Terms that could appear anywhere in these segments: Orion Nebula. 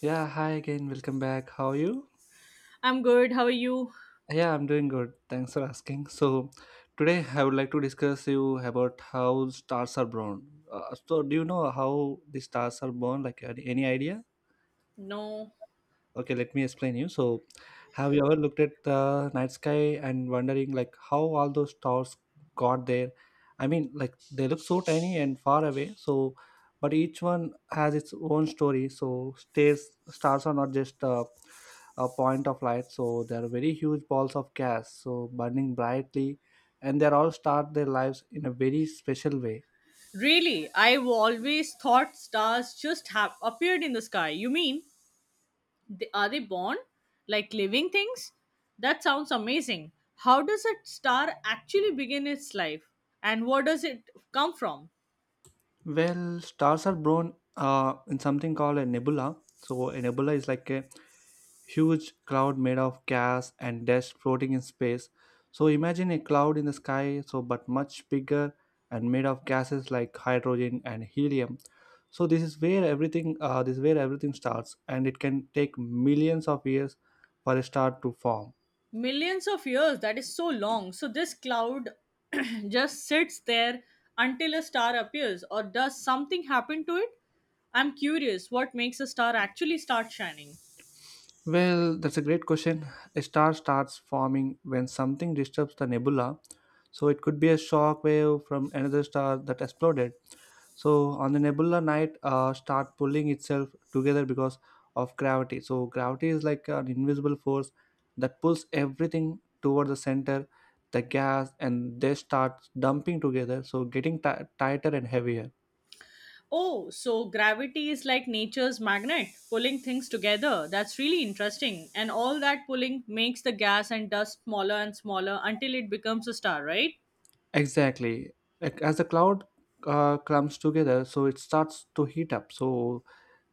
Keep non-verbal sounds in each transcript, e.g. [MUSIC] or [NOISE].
Yeah, hi again. Welcome back. How are you? I'm good. How are you? Yeah, I'm doing good. Thanks for asking. Today I would like to discuss you about how stars are born. Do you know how the stars are born? Like, any idea? No. Okay, let me explain you. Have you ever looked at the night sky and wondering like how all those stars got there? I mean, like they look so tiny and far away. So, but each one has its own story. So, stars are not just a point of light so they are very huge balls of gas so burning brightly and they all start their lives in a very special way. Really, I've always thought stars just have appeared in the sky. You mean, are they born like living things? That sounds amazing. How does a star actually begin its life? And where does it come from? Well, stars are born in something called a nebula, so a nebula is like a huge cloud made of gas and dust floating in space. So imagine a cloud in the sky, so but much bigger and made of gases like hydrogen and helium. So this is where everything starts, and it can take millions of years for a star to form. Millions of years, that is so long. So, this cloud [CLEARS THROAT] just sits there until a star appears, or does something happen to it? I'm curious what makes a star actually start shining. Well, that's a great question. A star starts forming when something disturbs the nebula. So it could be a shock wave from another star that exploded. So on the nebula night, start pulling itself together because of gravity. So gravity is like an invisible force that pulls everything toward the center, the gas, and they start dumping together. So getting ti tighter and heavier. Oh, so gravity is like nature's magnet, pulling things together. That's really interesting. And all that pulling makes the gas and dust smaller and smaller until it becomes a star, right? Exactly. Like, as the cloud clumps together, so it starts to heat up. So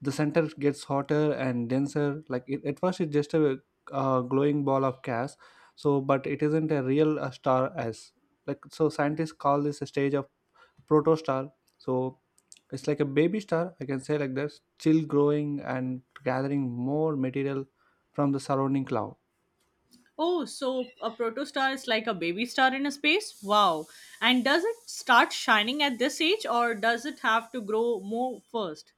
the center gets hotter and denser. Like it, at first, it's just a, glowing ball of gas. So, but it isn't a real star as like. So scientists call this a stage of protostar. So it's like a baby star. I can say like this, still growing and gathering more material from the surrounding cloud. Oh, so a protostar is like a baby star in a space? Wow. And does it start shining at this age or does it have to grow more first?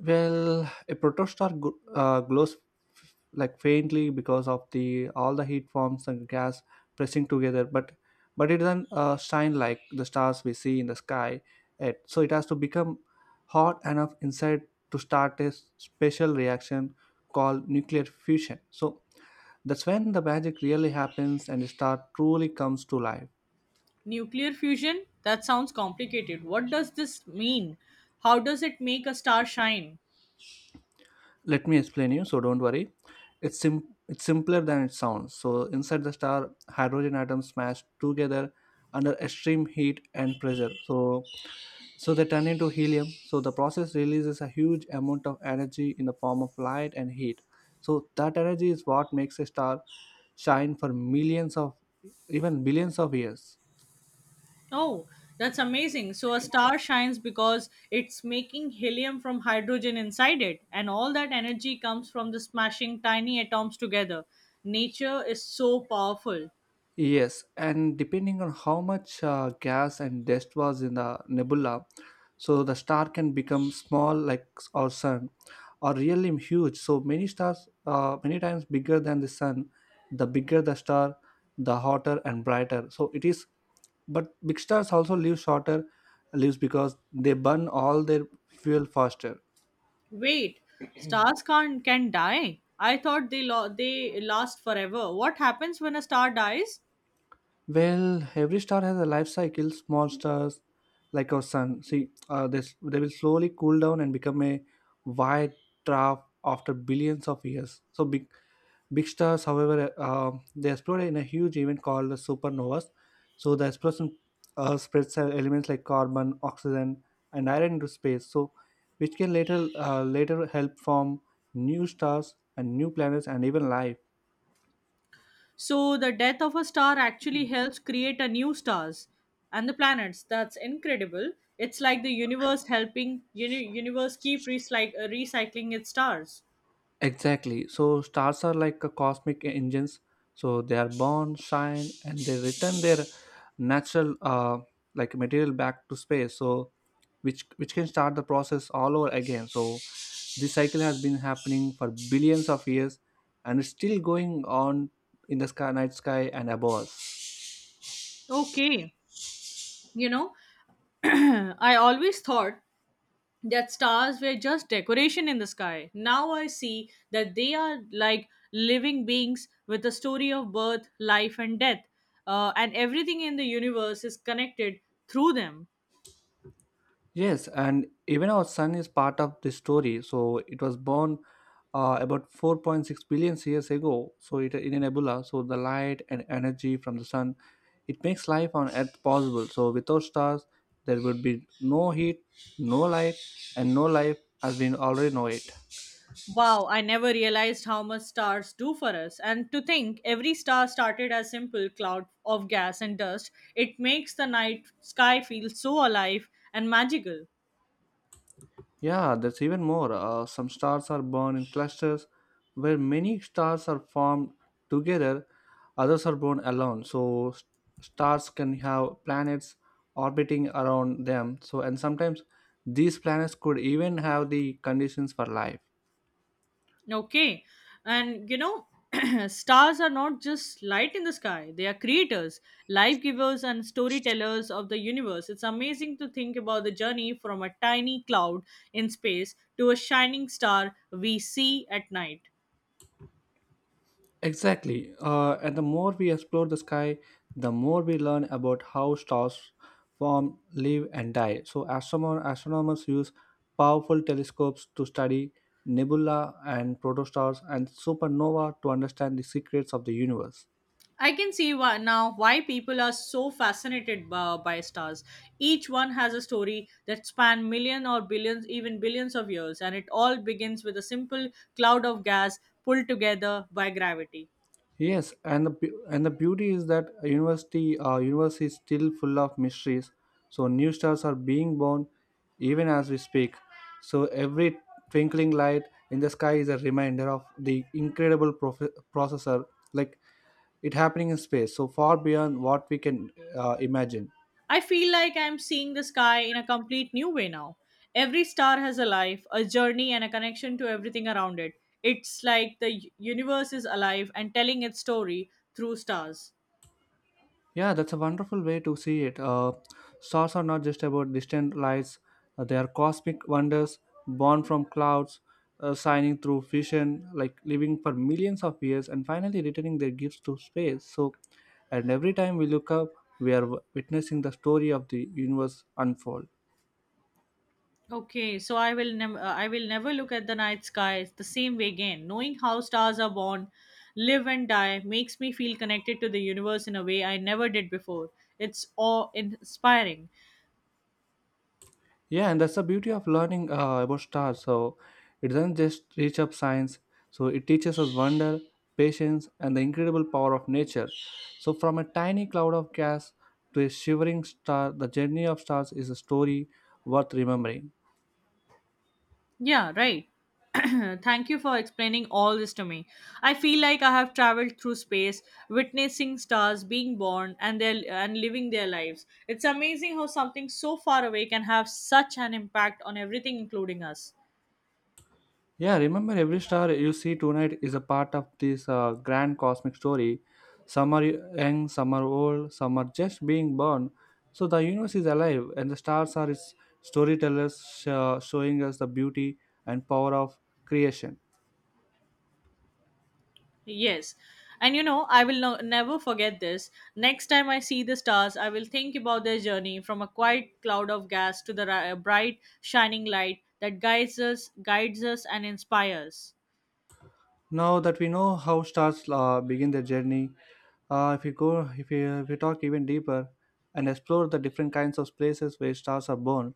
Well, a protostar glows like faintly because of the all the heat forms and gas pressing together, but it doesn't shine like the stars we see in the sky. Yet. So it has to become hot enough inside to start a special reaction called nuclear fusion. So that's when the magic really happens and the star truly comes to life. Nuclear fusion? That sounds complicated. What does this mean? How does it make a star shine? Let me explain you, so don't worry, it's simpler than it sounds. So inside the star hydrogen atoms smash together under extreme heat and pressure, so they turn into helium. So the process releases a huge amount of energy in the form of light and heat. So that energy is what makes a star shine for millions of, even billions of years. Oh, that's amazing. So a star shines because it's making helium from hydrogen inside it, and all that energy comes from the smashing tiny atoms together. Nature is so powerful. Yes, and depending on how much gas and dust was in the nebula, so the star can become small like our sun, or really huge. So many stars, many times bigger than the sun. The bigger the star, the hotter and brighter. So it is. But big stars also live shorter lives because they burn all their fuel faster. Wait, stars can't can die? I thought they last forever. What happens when a star dies? Well, every star has a life cycle. Small stars, like our sun, see, this they will slowly cool down and become a white dwarf after billions of years. So big stars, however, they explode in a huge event called the supernovas. So the explosion spreads elements like carbon, oxygen, and iron into space. So which can later help form new stars and new planets and even life. So the death of a star actually helps create a new stars and the planets. That's incredible. It's like the universe helping universe keep recycling its stars. Exactly. So stars are like a cosmic engines. So they are born, shine, and they return their natural, like material back to space. So which can start the process all over again. So this cycle has been happening for billions of years, and it's still going on in the sky, night sky, and above us. Okay, you know, [CLEARS THROAT] I always thought that stars were just decoration in the sky. Now I see that they are like living beings with a story of birth, life, and death, and everything in the universe is connected through them. Yes, and even our sun is part of this story. So it was born about 4.6 billion years ago. So it in a nebula. So the light and energy from the sun, it makes life on Earth possible. So without stars, there would be no heat, no light, and no life as we already know it. Wow, I never realized how much stars do for us. And to think every star started as simple cloud of gas and dust, it makes the night sky feel so alive and magical. Yeah, that's even more. Some stars are born in clusters where many stars are formed together, others are born alone. So, stars can have planets orbiting around them. So, and sometimes these planets could even have the conditions for life. Okay. And [CLEARS THROAT] stars are not just light in the sky, they are creators, life givers and storytellers of the universe. It's amazing to think about the journey from a tiny cloud in space to a shining star we see at night. Exactly. And the more we explore the sky, the more we learn about how stars form, live, and die. So, astronomers use powerful telescopes to study nebula and protostars and supernova to understand the secrets of the universe. I can see why now why people are so fascinated by stars. Each one has a story that span million or billions, even billions of years, and it all begins with a simple cloud of gas pulled together by gravity. Yes, and and the beauty is that a university universe is still full of mysteries. So new stars are being born even as we speak. So every twinkling light in the sky is a reminder of the incredible processor like it happening in space so far beyond what we can imagine. I feel like I'm seeing the sky in a complete new way now. Every star has a life, a journey, and a connection to everything around it. It's like the universe is alive and telling its story through stars. Yeah, that's a wonderful way to see it. Stars are not just about distant lights, they are cosmic wonders born from clouds, shining through fission, like living for millions of years and finally returning their gifts to space. So, and every time we look up, we are witnessing the story of the universe unfold. Okay, so I will never look at the night sky the same way again. Knowing how stars are born, live and die makes me feel connected to the universe in a way I never did before. It's awe inspiring. Yeah, and that's the beauty of learning about stars. So it doesn't just teach up science. So it teaches us wonder, patience, and the incredible power of nature. So from a tiny cloud of gas to a shivering star, the journey of stars is a story worth remembering. Yeah, right. [CLEARS THROAT] Thank you for explaining all this to me. I feel like I have traveled through space, witnessing stars being born and living their lives. It's amazing how something so far away can have such an impact on everything including us. Yeah, remember every star you see tonight is a part of this grand cosmic story. Some are young, some are old, some are just being born. So the universe is alive, and the stars are its storytellers, showing us the beauty and power of creation. Yes. And I will never forget this. Next time I see the stars, I will think about their journey from a quiet cloud of gas to the bright, shining light that guides us, and inspires. Now that we know how stars begin their journey, if we go, if we talk even deeper and explore the different kinds of places where stars are born,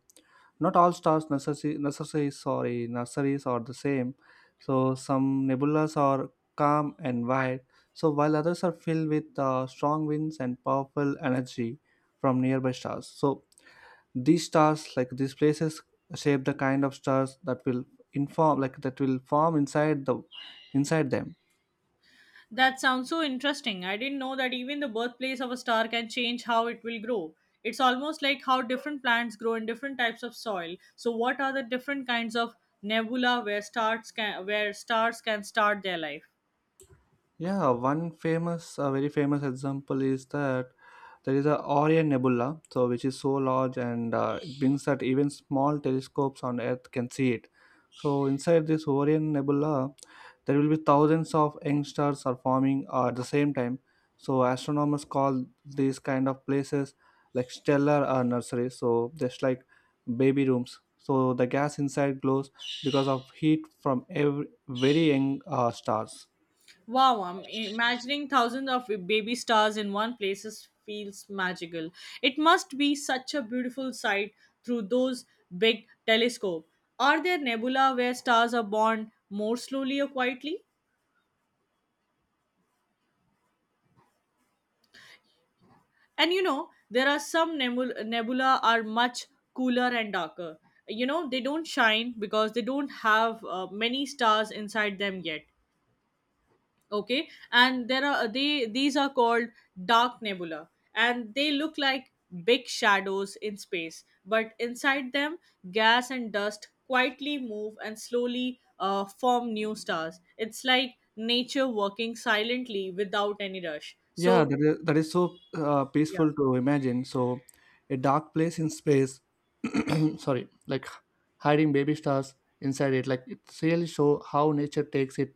not all stars necessary sorry nurseries are the same. So some nebulas are calm and wide, so while others are filled with strong winds and powerful energy from nearby stars. So these stars like these places shape the kind of stars that will inform like that will form inside them. That sounds so interesting. I didn't know that even the birthplace of a star can change how it will grow. It's almost like how different plants grow in different types of soil. So, what are the different kinds of nebula where stars can start their life? Yeah, a very famous example is that there is a Orion Nebula, so which is so large and it means that even small telescopes on Earth can see it. So inside this Orion Nebula, there will be thousands of young stars are forming at the same time. So astronomers call these kind of places like stellar nurseries. So just like baby rooms. So the gas inside glows because of heat from every very young stars. Wow, I'm imagining thousands of baby stars in one place feels magical. It must be such a beautiful sight through those big telescope. Are there nebula where stars are born more slowly or quietly? And there are some nebula are much cooler and darker. They don't shine because they don't have many stars inside them yet. Okay and there are they these are called dark nebula and they look like big shadows in space but inside them gas and dust quietly move and slowly form new stars it's like nature working silently without any rush Yeah, so that is so yeah. peaceful to imagine. So, a dark place in space, [CLEARS THROAT] sorry, like hiding baby stars inside it, like it really show how nature takes it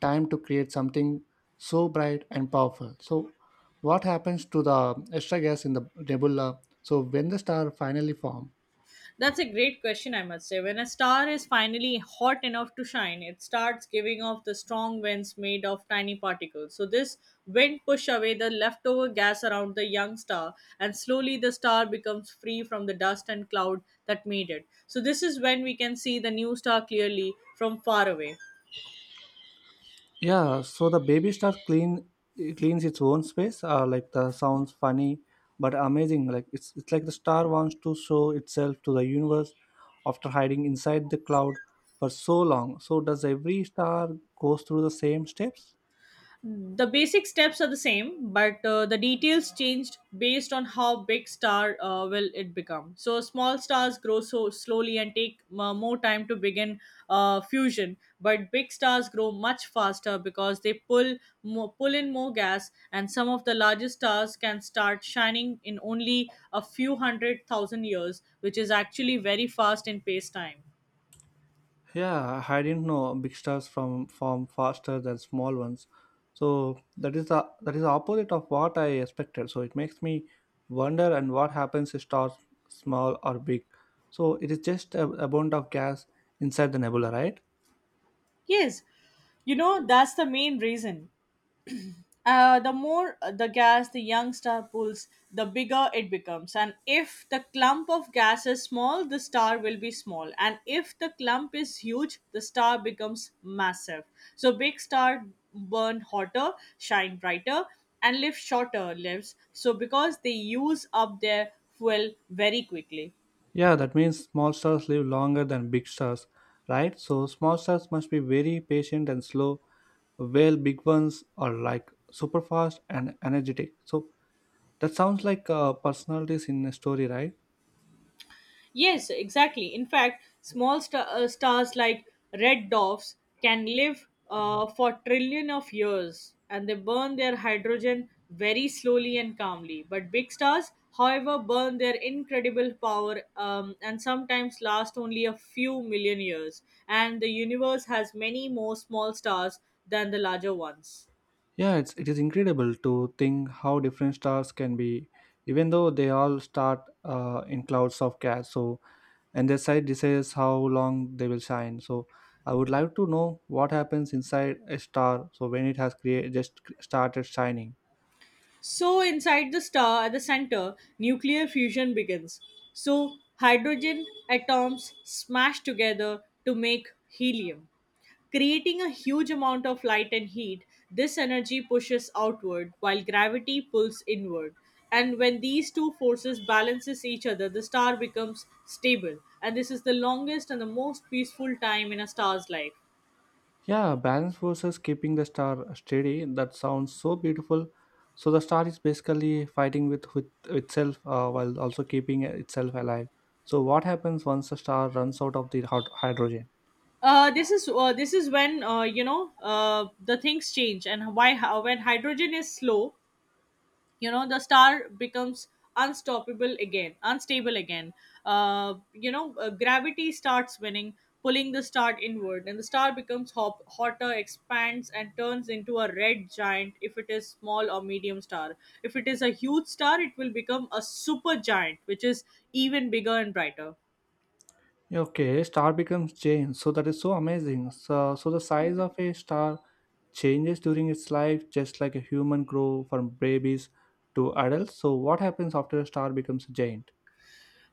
time to create something so bright and powerful. So, what happens to the extra gas in the nebula? So, when the star finally forms. That's a great question, I must say. When a star is finally hot enough to shine, it starts giving off the strong winds made of tiny particles. So, this wind push away the leftover gas around the young star, and slowly the star becomes free from the dust and cloud that made it. So, this is when we can see the new star clearly from far away. Yeah, so the baby shark clean it cleans its own space. Like the sounds funny, but amazing. Like it's like the star wants to show itself to the universe after hiding inside the cloud for so long. So does every star goes through the same steps? The basic steps are the same, but the details changed based on how big star will it become. So small stars grow so slowly and take more time to begin fusion, but big stars grow much faster because they pull in more gas, and some of the largest stars can start shining in only a few hundred thousand years, which is actually very fast in pace time. Yeah, I didn't know big stars from form faster than small ones. So that is the opposite of what I expected. So it makes me wonder and what happens if stars small or big. So it is just a bond of gas inside the nebula, right? Yes, that's the main reason. The more the gas the young star pulls, the bigger it becomes. And if the clump of gas is small, the star will be small. And if the clump is huge, the star becomes massive. So big star burn hotter, shine brighter, and live shorter lives. So because they use up their fuel very quickly. Yeah, that means small stars live longer than big stars, right? So small stars must be very patient and slow, while big ones are like super fast and energetic. So that sounds like personalities in a story, right? Yes, exactly. In fact, stars like red dwarfs can live for trillion of years and they burn their hydrogen very slowly and calmly. But big stars, however, burn their incredible power and sometimes last only a few million years. And the universe has many more small stars than the larger ones. Yeah, it is incredible to think how different stars can be, even though they all start in clouds of gas. So, and their size decides how long they will shine. So, I would like to know what happens inside a star. So, when it has created just started shining. So inside the star at the center, nuclear fusion begins. So hydrogen atoms smash together to make helium. Creating a huge amount of light and heat, this energy pushes outward while gravity pulls inward. And when these two forces balances each other, the star becomes stable. And this is the longest and the most peaceful time in a star's life. Yeah, balance forces keeping the star steady. That sounds so beautiful. So the star is basically fighting with itself while also keeping itself alive. So what happens once the star runs out of the hydrogen? This is when the things change and when hydrogen is slow, the star becomes unstable again. Gravity starts winning, pulling the star inward, and the star becomes hotter, expands, and turns into a red giant if it is small or medium star. If it is a huge star, it will become a super giant, which is even bigger and brighter. Okay, star becomes change. So that is so amazing. So, the size of a star changes during its life, just like a human grow from babies to adults. So what happens after a star becomes a giant?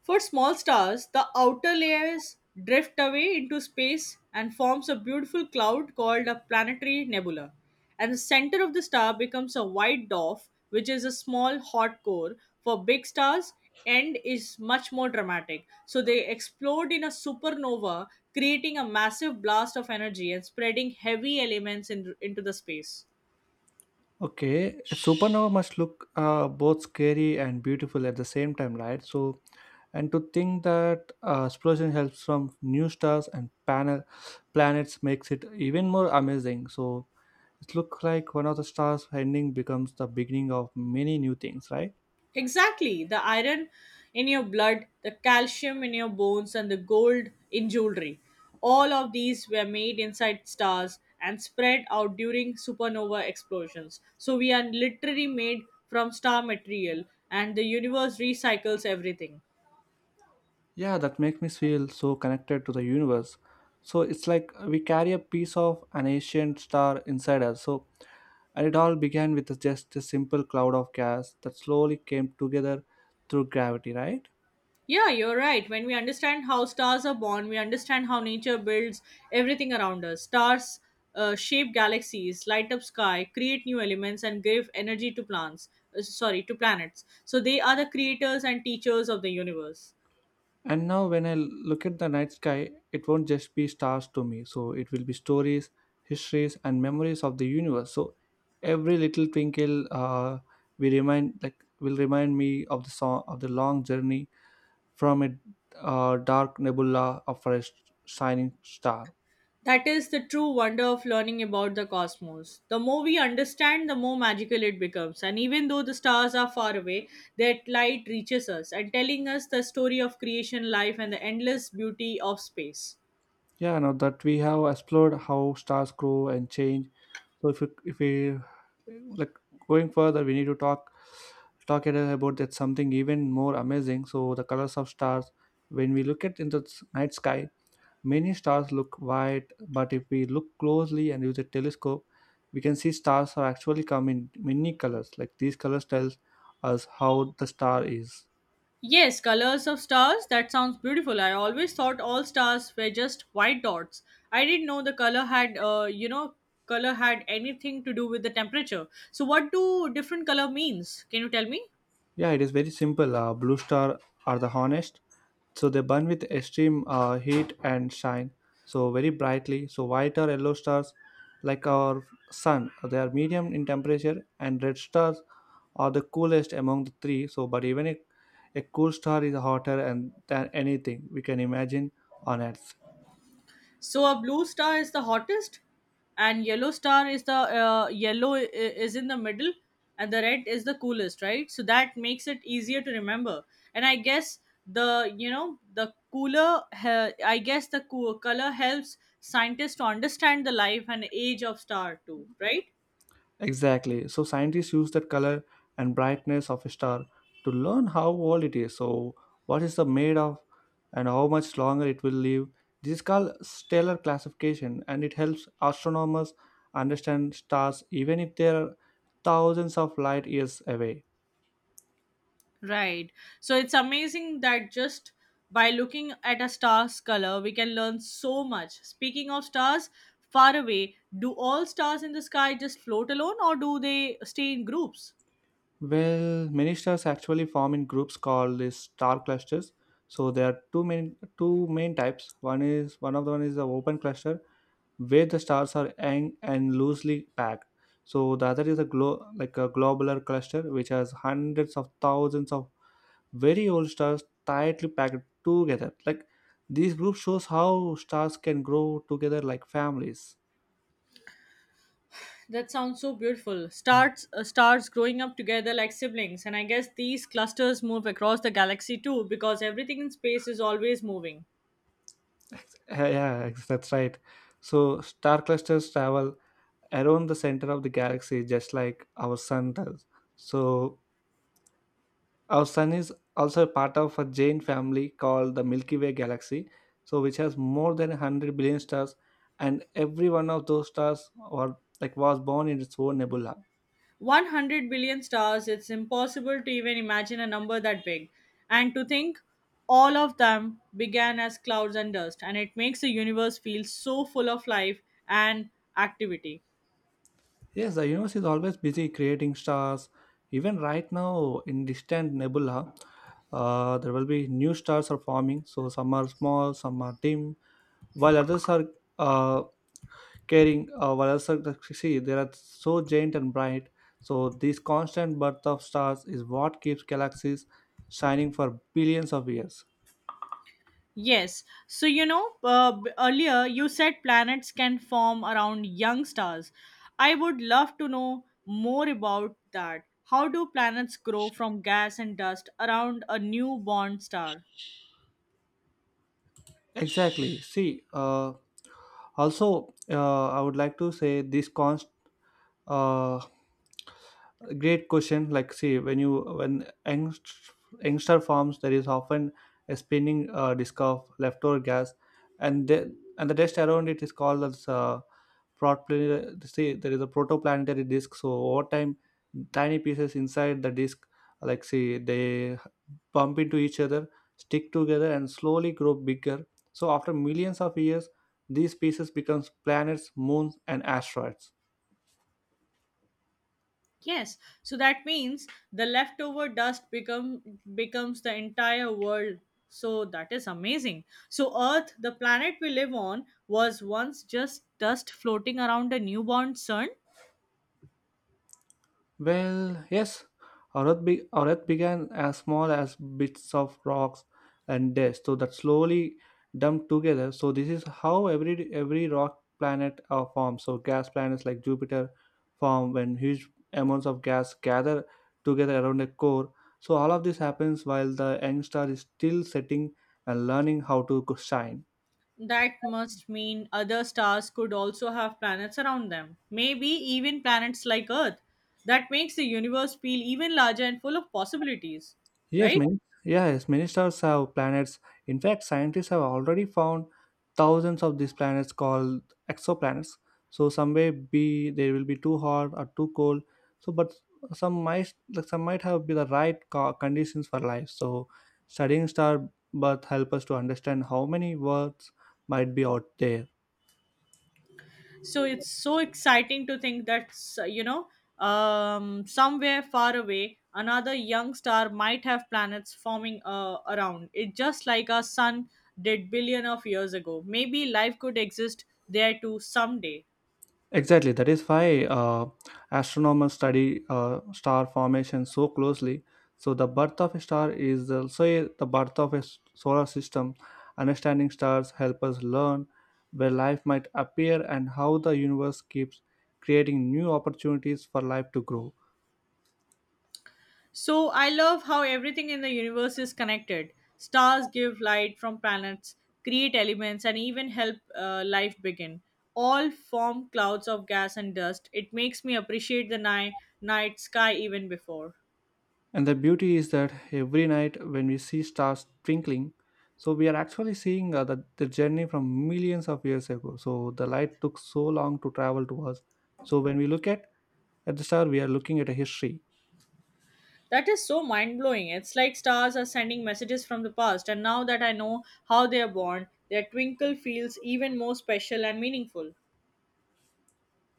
For small stars, the outer layers drift away into space and forms a beautiful cloud called a planetary nebula. And the center of the star becomes a white dwarf, which is a small hot core. For big stars, end is much more dramatic. So they explode in a supernova, creating a massive blast of energy and spreading heavy elements into the space. Okay, a supernova must look both scary and beautiful at the same time, right? And to think that explosion helps from new stars and panel planets makes it even more amazing. So, it looks like one of the stars ending becomes the beginning of many new things, right? Exactly. The iron in your blood, the calcium in your bones, and the gold in jewelry. All of these were made inside stars and spread out during supernova explosions. So we are literally made from star material, and the universe recycles everything. Yeah, that makes me feel so connected to the universe. So it's like we carry a piece of an ancient star inside us. And it all began with just a simple cloud of gas that slowly came together through gravity, right? Yeah, you're right. When we understand how stars are born, we understand how nature builds everything around us. Stars shape galaxies, light up sky, create new elements, and give energy to plants. Sorry, to planets. So they are the creators and teachers of the universe. And now when I look at the night sky, it won't just be stars to me. So it will be stories, histories, and memories of the universe. So every little twinkle we remind like will remind me of the song of the long journey from a dark nebula of shining star. That is the true wonder of learning about the cosmos. The more we understand, the more magical it becomes. And even though the stars are far away, that light reaches us and telling us the story of creation, life, and the endless beauty of space. Yeah, now that we have explored how stars grow and change. So if we like going further, we need to talk it about that something even more amazing. So the colors of stars. When we look at in the night sky, many stars look white, but if we look closely and use a telescope, we can see stars are actually come in many colors. Like these colors tells us how the star is. Yes, colors of stars. That sounds beautiful. I always thought all stars were just white dots. I didn't know the color had anything to do with the temperature. So, what do different color means? Can you tell me? Yeah, it is very simple. Blue star are the honest, so they burn with extreme heat and shine so very brightly. So white or yellow stars, like our sun, they are medium in temperature, and red stars are the coolest among the three. So, but even a cool star is hotter and than anything we can imagine on Earth. So a blue star is the hottest, and yellow star is is in the middle, and the red is the coolest, right? So that makes it easier to remember. And I guess the you know the cooler, he- I guess the cool color helps scientists to understand the life and age of star too, right? Exactly. So scientists use that color and brightness of a star to learn how old it is. So what is the made of and how much longer it will live. This is called stellar classification and it helps astronomers understand stars even if they are thousands of light years away. Right. So it's amazing that just by looking at a star's color, we can learn so much. Speaking of stars, far away, do all stars in the sky just float alone or do they stay in groups? Well, many stars actually form in groups called the star clusters. So there are two main types. One is the open cluster where the stars are hang and loosely packed. So the other is a globular cluster which has hundreds of thousands of very old stars tightly packed together. Like this group shows how stars can grow together like families. That sounds so beautiful. Mm. Stars growing up together like siblings, and I guess these clusters move across the galaxy too because everything in space is always moving. Yeah, yeah, [LAUGHS] that's right. So star clusters travel around the center of the galaxy just like our sun does. So our sun is also a part of a giant family called the Milky Way galaxy, so which has more than 100 billion stars, and every one of those stars or like was born in its own nebula. 100 billion stars, it's impossible to even imagine a number that big. And to think all of them began as clouds and dust, and it makes the universe feel so full of life and activity. Yes, the universe is always busy creating stars. Even right now, in distant nebula, there will be new stars are forming. So some are small, some are dim, while others are uh, caring while others succeed. They are so giant and bright. So this constant birth of stars is what keeps galaxies shining for billions of years. Yes, earlier you said planets can form around young stars. I would love to know more about that. How do planets grow from gas and dust around a newborn star? Exactly. See, also I would like to say this constant uh, Great question. Like, see, when youngster forms, there is often a spinning disk of leftover gas, and the dust around it is called as protoplanetary, say there is a protoplanetary disk. So over time tiny pieces inside the disk, like say they bump into each other, stick together and slowly grow bigger. So after millions of years these pieces becomes planets, moons and asteroids. Yes, so that means the leftover dust becomes the entire world. So that is amazing. So Earth, the planet we live on, was once just dust floating around a newborn sun. Well, yes, our Earth began as small as bits of rocks and dust, so that slowly dumped together. So this is how every rock planet forms. So gas planets like Jupiter form when huge amounts of gas gather together around a core. So all of this happens while the young star is still setting and learning how to shine. That must mean other stars could also have planets around them. Maybe even planets like Earth. That makes the universe feel even larger and full of possibilities, Yes, right? many yes, many stars have planets. In fact, scientists have already found thousands of these planets called exoplanets. So some may be they will be too hot or too cold. So but some might have be the right conditions for life. So studying star birth help us to understand how many worlds might be out there. So it's so exciting to think that somewhere far away another young star might have planets forming around it just like our sun did billion of years ago. Maybe life could exist there too someday. Exactly, that is why astronomers study star formation so closely. So, the birth of a star is also the birth of solar system. Understanding stars help us learn where life might appear and how the universe keeps creating new opportunities for life to grow. So I love how everything in the universe is connected. Stars give light from planets, create elements and even help life begin, all form clouds of gas and dust. It makes me appreciate the night sky even before. And the beauty is that every night when we see stars twinkling, so we are actually seeing the journey from millions of years ago. So the light took so long to travel to us. So when we at the star, we are looking at a history. That is so mind blowing. It's like stars are sending messages from the past, and now that I know how they are born, their twinkle feels even more special and meaningful.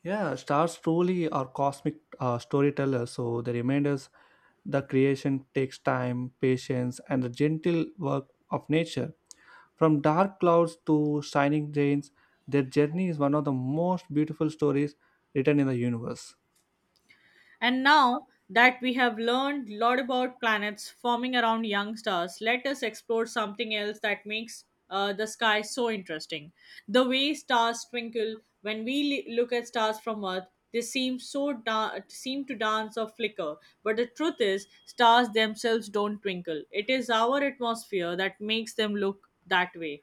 Yeah, stars truly are cosmic storytellers, so they remind us the creation takes time, patience, and the gentle work of nature. From dark clouds to shining rains, their journey is one of the most beautiful stories written in the universe. And now that we have learned a lot about planets forming around young stars, let us explore something else that makes the sky so interesting. The way stars twinkle, when we look at stars from Earth, they seem to dance or flicker. But the truth is, stars themselves don't twinkle. It is our atmosphere that makes them look that way.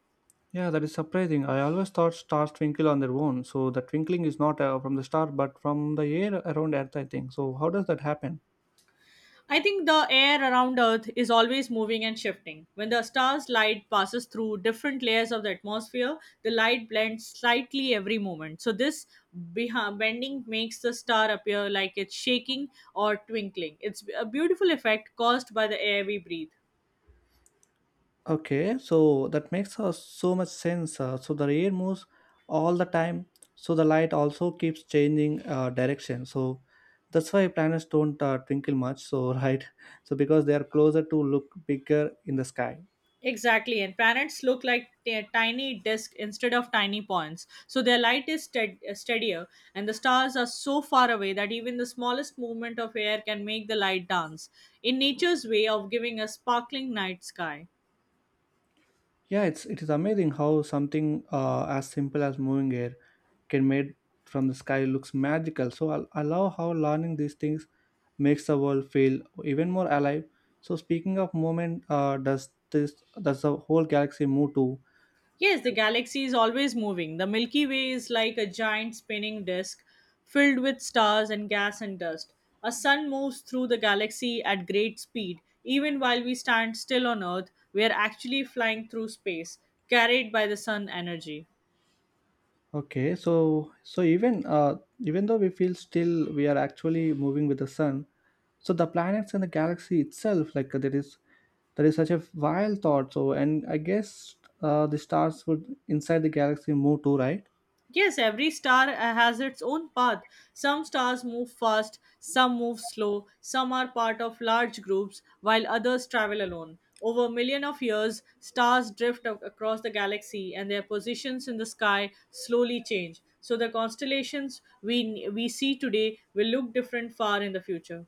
Yeah, that is surprising. I always thought stars twinkle on their own, so the twinkling is not from the star but from the air around Earth, I think. So, how does that happen? I think the air around Earth is always moving and shifting. When the star's light passes through different layers of the atmosphere, the light blends slightly every moment. So this bending makes the star appear like it's shaking or twinkling. It's a beautiful effect caused by the air we breathe. Okay, so that makes so much sense. So the air moves all the time, so the light also keeps changing direction. So that's why planets don't twinkle much. So [LAUGHS] right, so because they are closer to look bigger in the sky. Exactly, and planets look like tiny discs instead of tiny points. So their light is steadier, and the stars are so far away that even the smallest movement of air can make the light dance. In nature's way of giving a sparkling night sky. Yeah, it's it is amazing how something as simple as moving air can made from the sky looks magical. So I love how learning these things makes the world feel even more alive. So speaking of movement, this does the whole galaxy move too? Yes, the galaxy is always moving. The Milky Way is like a giant spinning disk filled with stars and gas and dust. A sun moves through the galaxy at great speed. Even while we stand still on Earth, we are actually flying through space, carried by the sun energy. Okay, so so even uh, even though we feel still, we are actually moving with the sun, so the planets and the galaxy itself, there is such a wild thought. So and I guess the stars would inside the galaxy move too, right? Yes, every star has its own path. Some stars move fast, some move slow, some are part of large groups, while others travel alone. Over a million of years, stars drift across the galaxy and their positions in the sky slowly change. So the constellations we see today will look different far in the future.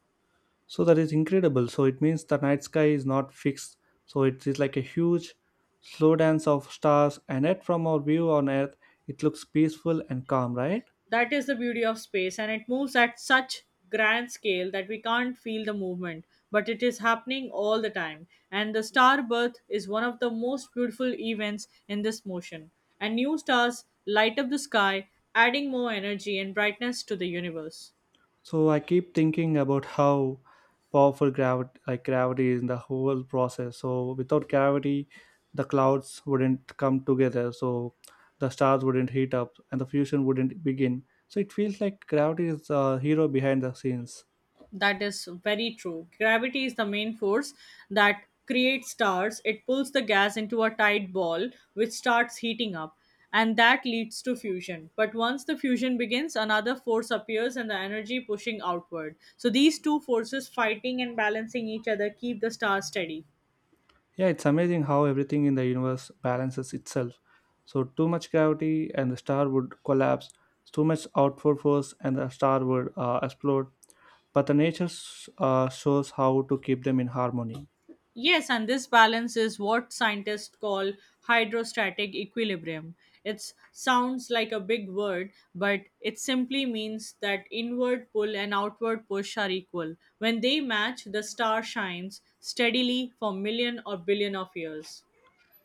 So that is incredible. So it means the night sky is not fixed. So it is like a huge slow dance of stars, and yet from our view on Earth it looks peaceful and calm, right? That is the beauty of space, and it moves at such grand scale that we can't feel the movement, but it is happening all the time. And the star birth is one of the most beautiful events in this motion. And new stars light up the sky, adding more energy and brightness to the universe. So I keep thinking about how powerful gravity, is in the whole process. So without gravity the clouds wouldn't come together, so the stars wouldn't heat up and the fusion wouldn't begin. So it feels like gravity is the hero behind the scenes. That is very true. Gravity is the main force that creates stars. It pulls the gas into a tight ball, which starts heating up, and that leads to fusion. But once the fusion begins, another force appears and the energy pushing outward. So these two forces fighting and balancing each other keep the star steady. Yeah, it's amazing how everything in the universe balances itself. So, too much gravity and the star would collapse, too much outward force and the star would explode. But the nature shows how to keep them in harmony. Yes, and this balance is what scientists call hydrostatic equilibrium. It sounds like a big word, but it simply means that inward pull and outward push are equal. When they match, the star shines steadily for million or billion of years.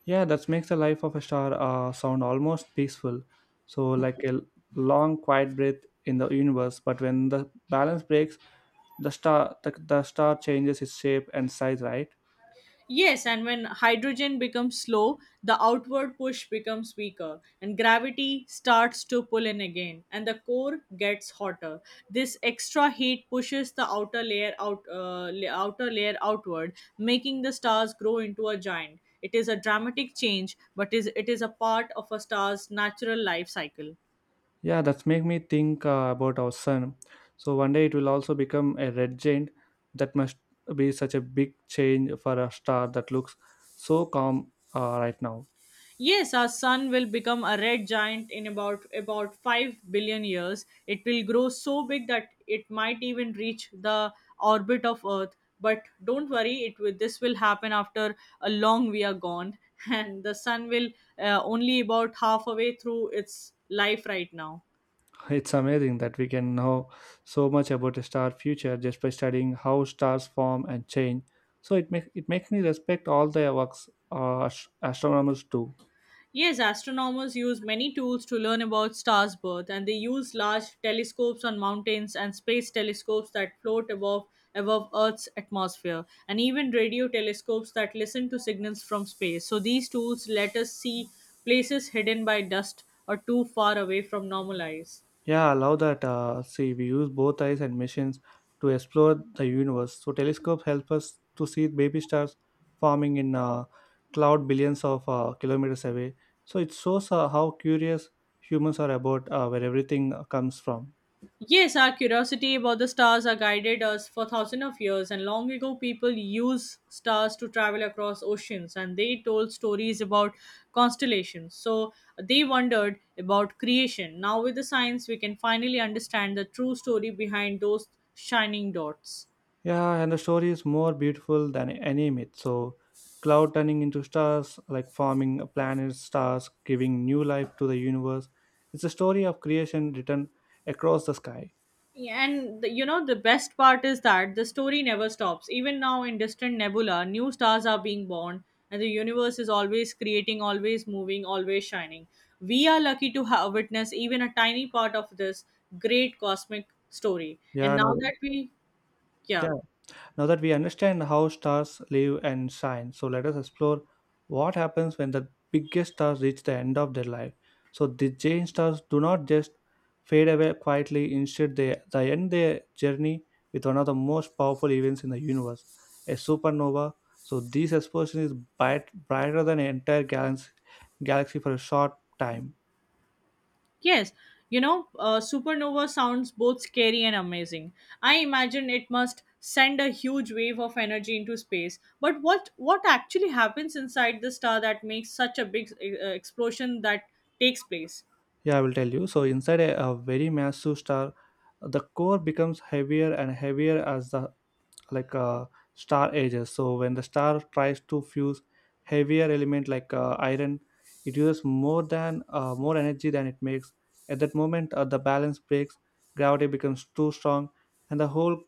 Yeah, that makes the life of a star sound almost peaceful. So, like a long, quiet breath in the universe. But when the balance breaks, the star changes its shape and size, right? Yes, and when hydrogen becomes slow, the outward push becomes weaker, and gravity starts to pull in again, and the core gets hotter. This extra heat pushes the outer layer out, outer layer outward, making the stars grow into a giant. It is a dramatic change, but is it is a part of a star's natural life cycle. Yeah, that's make me think about our sun. So one day it will also become a red giant. That must be such a big change for a star that looks so calm right now. Yes, our sun will become a red giant in about 5 billion years. It will grow so big that it might even reach the orbit of Earth. But don't worry, it will, this will happen after a long we are gone [LAUGHS] and the sun will only about halfway through its life right now. [LAUGHS] It's amazing that we can know so much about a star future just by studying how stars form and change. So it makes me respect all the works astronomers do. Yes, astronomers use many tools to learn about stars' birth, and they use large telescopes on mountains and space telescopes that float above Earth's atmosphere, and even radio telescopes that listen to signals from space. So these tools let us see places hidden by dust or too far away from normal eyes. Yeah, I love that. See, we use both eyes and machines to explore the universe. So telescopes help us to see baby stars forming in cloud billions of kilometers away. So it shows how curious humans are about where everything comes from. Yes, our curiosity about the stars has guided us for thousands of years, and long ago, people used stars to travel across oceans and they told stories about constellations. So they wondered about creation. Now, with the science, we can finally understand the true story behind those shining dots. Yeah, and the story is more beautiful than any myth. So, cloud turning into stars, like forming planets, stars, giving new life to the universe. It's a story of creation written across the sky. Yeah, and the, you know the best part is that the story never stops. Even now in distant nebula, new stars are being born, and the universe is always creating, always moving, always shining. We are lucky to have witnessed even a tiny part of this great cosmic story. Yeah, And now another, that we, yeah. yeah. Now that we understand how stars live and shine, so let us explore what happens when the biggest stars reach the end of their life. So the giant stars do not just fade away quietly, instead they end their journey with one of the most powerful events in the universe, a supernova. So this explosion is brighter than an entire galaxy for a short time. Yes, supernova sounds both scary and amazing. I imagine it must send a huge wave of energy into space. But what actually happens inside the star that makes such a big explosion that takes place? Yeah, I will tell you. So inside a very massive star, the core becomes heavier and heavier as the like uh, star ages. So when the star tries to fuse heavier element like iron, it uses more than more energy than it makes. At that moment the balance breaks, gravity becomes too strong, and the whole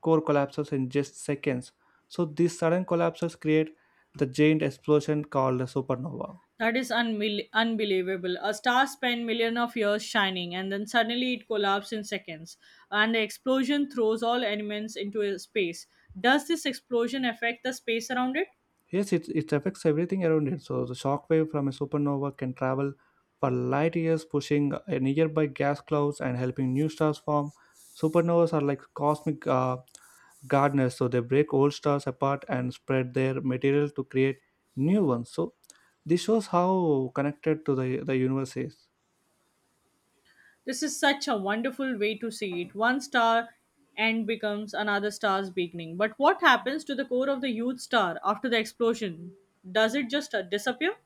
core collapses in just seconds. So these sudden collapses create the giant explosion called a supernova. That is unbelievable. A star spent millions of years shining, and then suddenly it collapses in seconds, and the explosion throws all elements into a space. Does this explosion affect the space around it? Yes, it affects everything around it. So the shock wave from a supernova can travel for light years, pushing a nearby gas clouds and helping new stars form. Supernovas are like cosmic gardeners, so they break old stars apart and spread their material to create new ones. So this shows how connected to the universe is. This is such a wonderful way to see it. One star end becomes another star's beginning. But what happens to the core of the youth star after the explosion? Does it just disappear?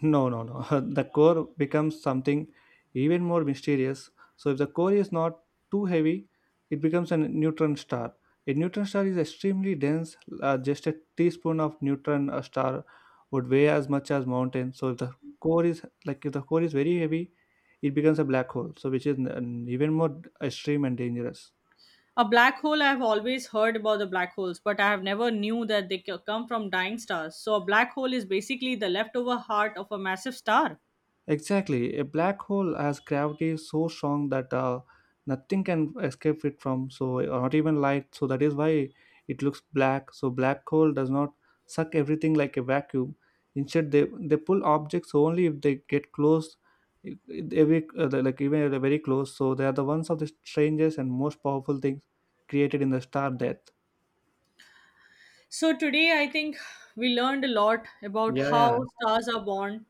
No, no, no. [LAUGHS] The core becomes something even more mysterious. So if the core is not too heavy, it becomes a neutron star. A neutron star is extremely dense. Just a teaspoon of neutron star would weigh as much as mountain. So if the core is like if the core is very heavy, it becomes a black hole. So which is even more extreme and dangerous. A black hole, I have always heard about the black holes, but I have never knew that they come from dying stars. So a black hole is basically the leftover heart of a massive star. Exactly. A black hole has gravity so strong that nothing can escape it from, so or not even light. So that is why it looks black. So black hole does not suck everything like a vacuum. Instead, they pull objects only if they get close, I- every the- like even if they're very close. So they are the ones of the strangest and most powerful things created in the star death. So today I think we learned a lot about Yeah, yeah, how stars are born.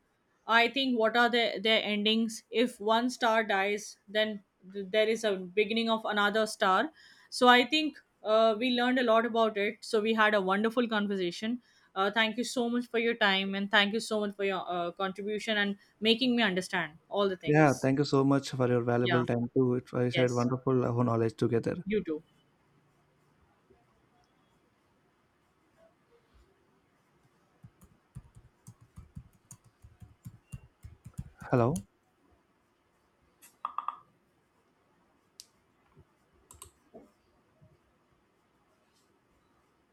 I think what are their endings. If one star dies, then there is a beginning of another star. So I think we learned a lot about it. So we had a wonderful conversation. Thank you so much for your time and thank you so much for your contribution and making me understand all the yeah. things. Thank you so much for your valuable Yeah. time too. It was I said Yes. wonderful knowledge together. You too. Hello.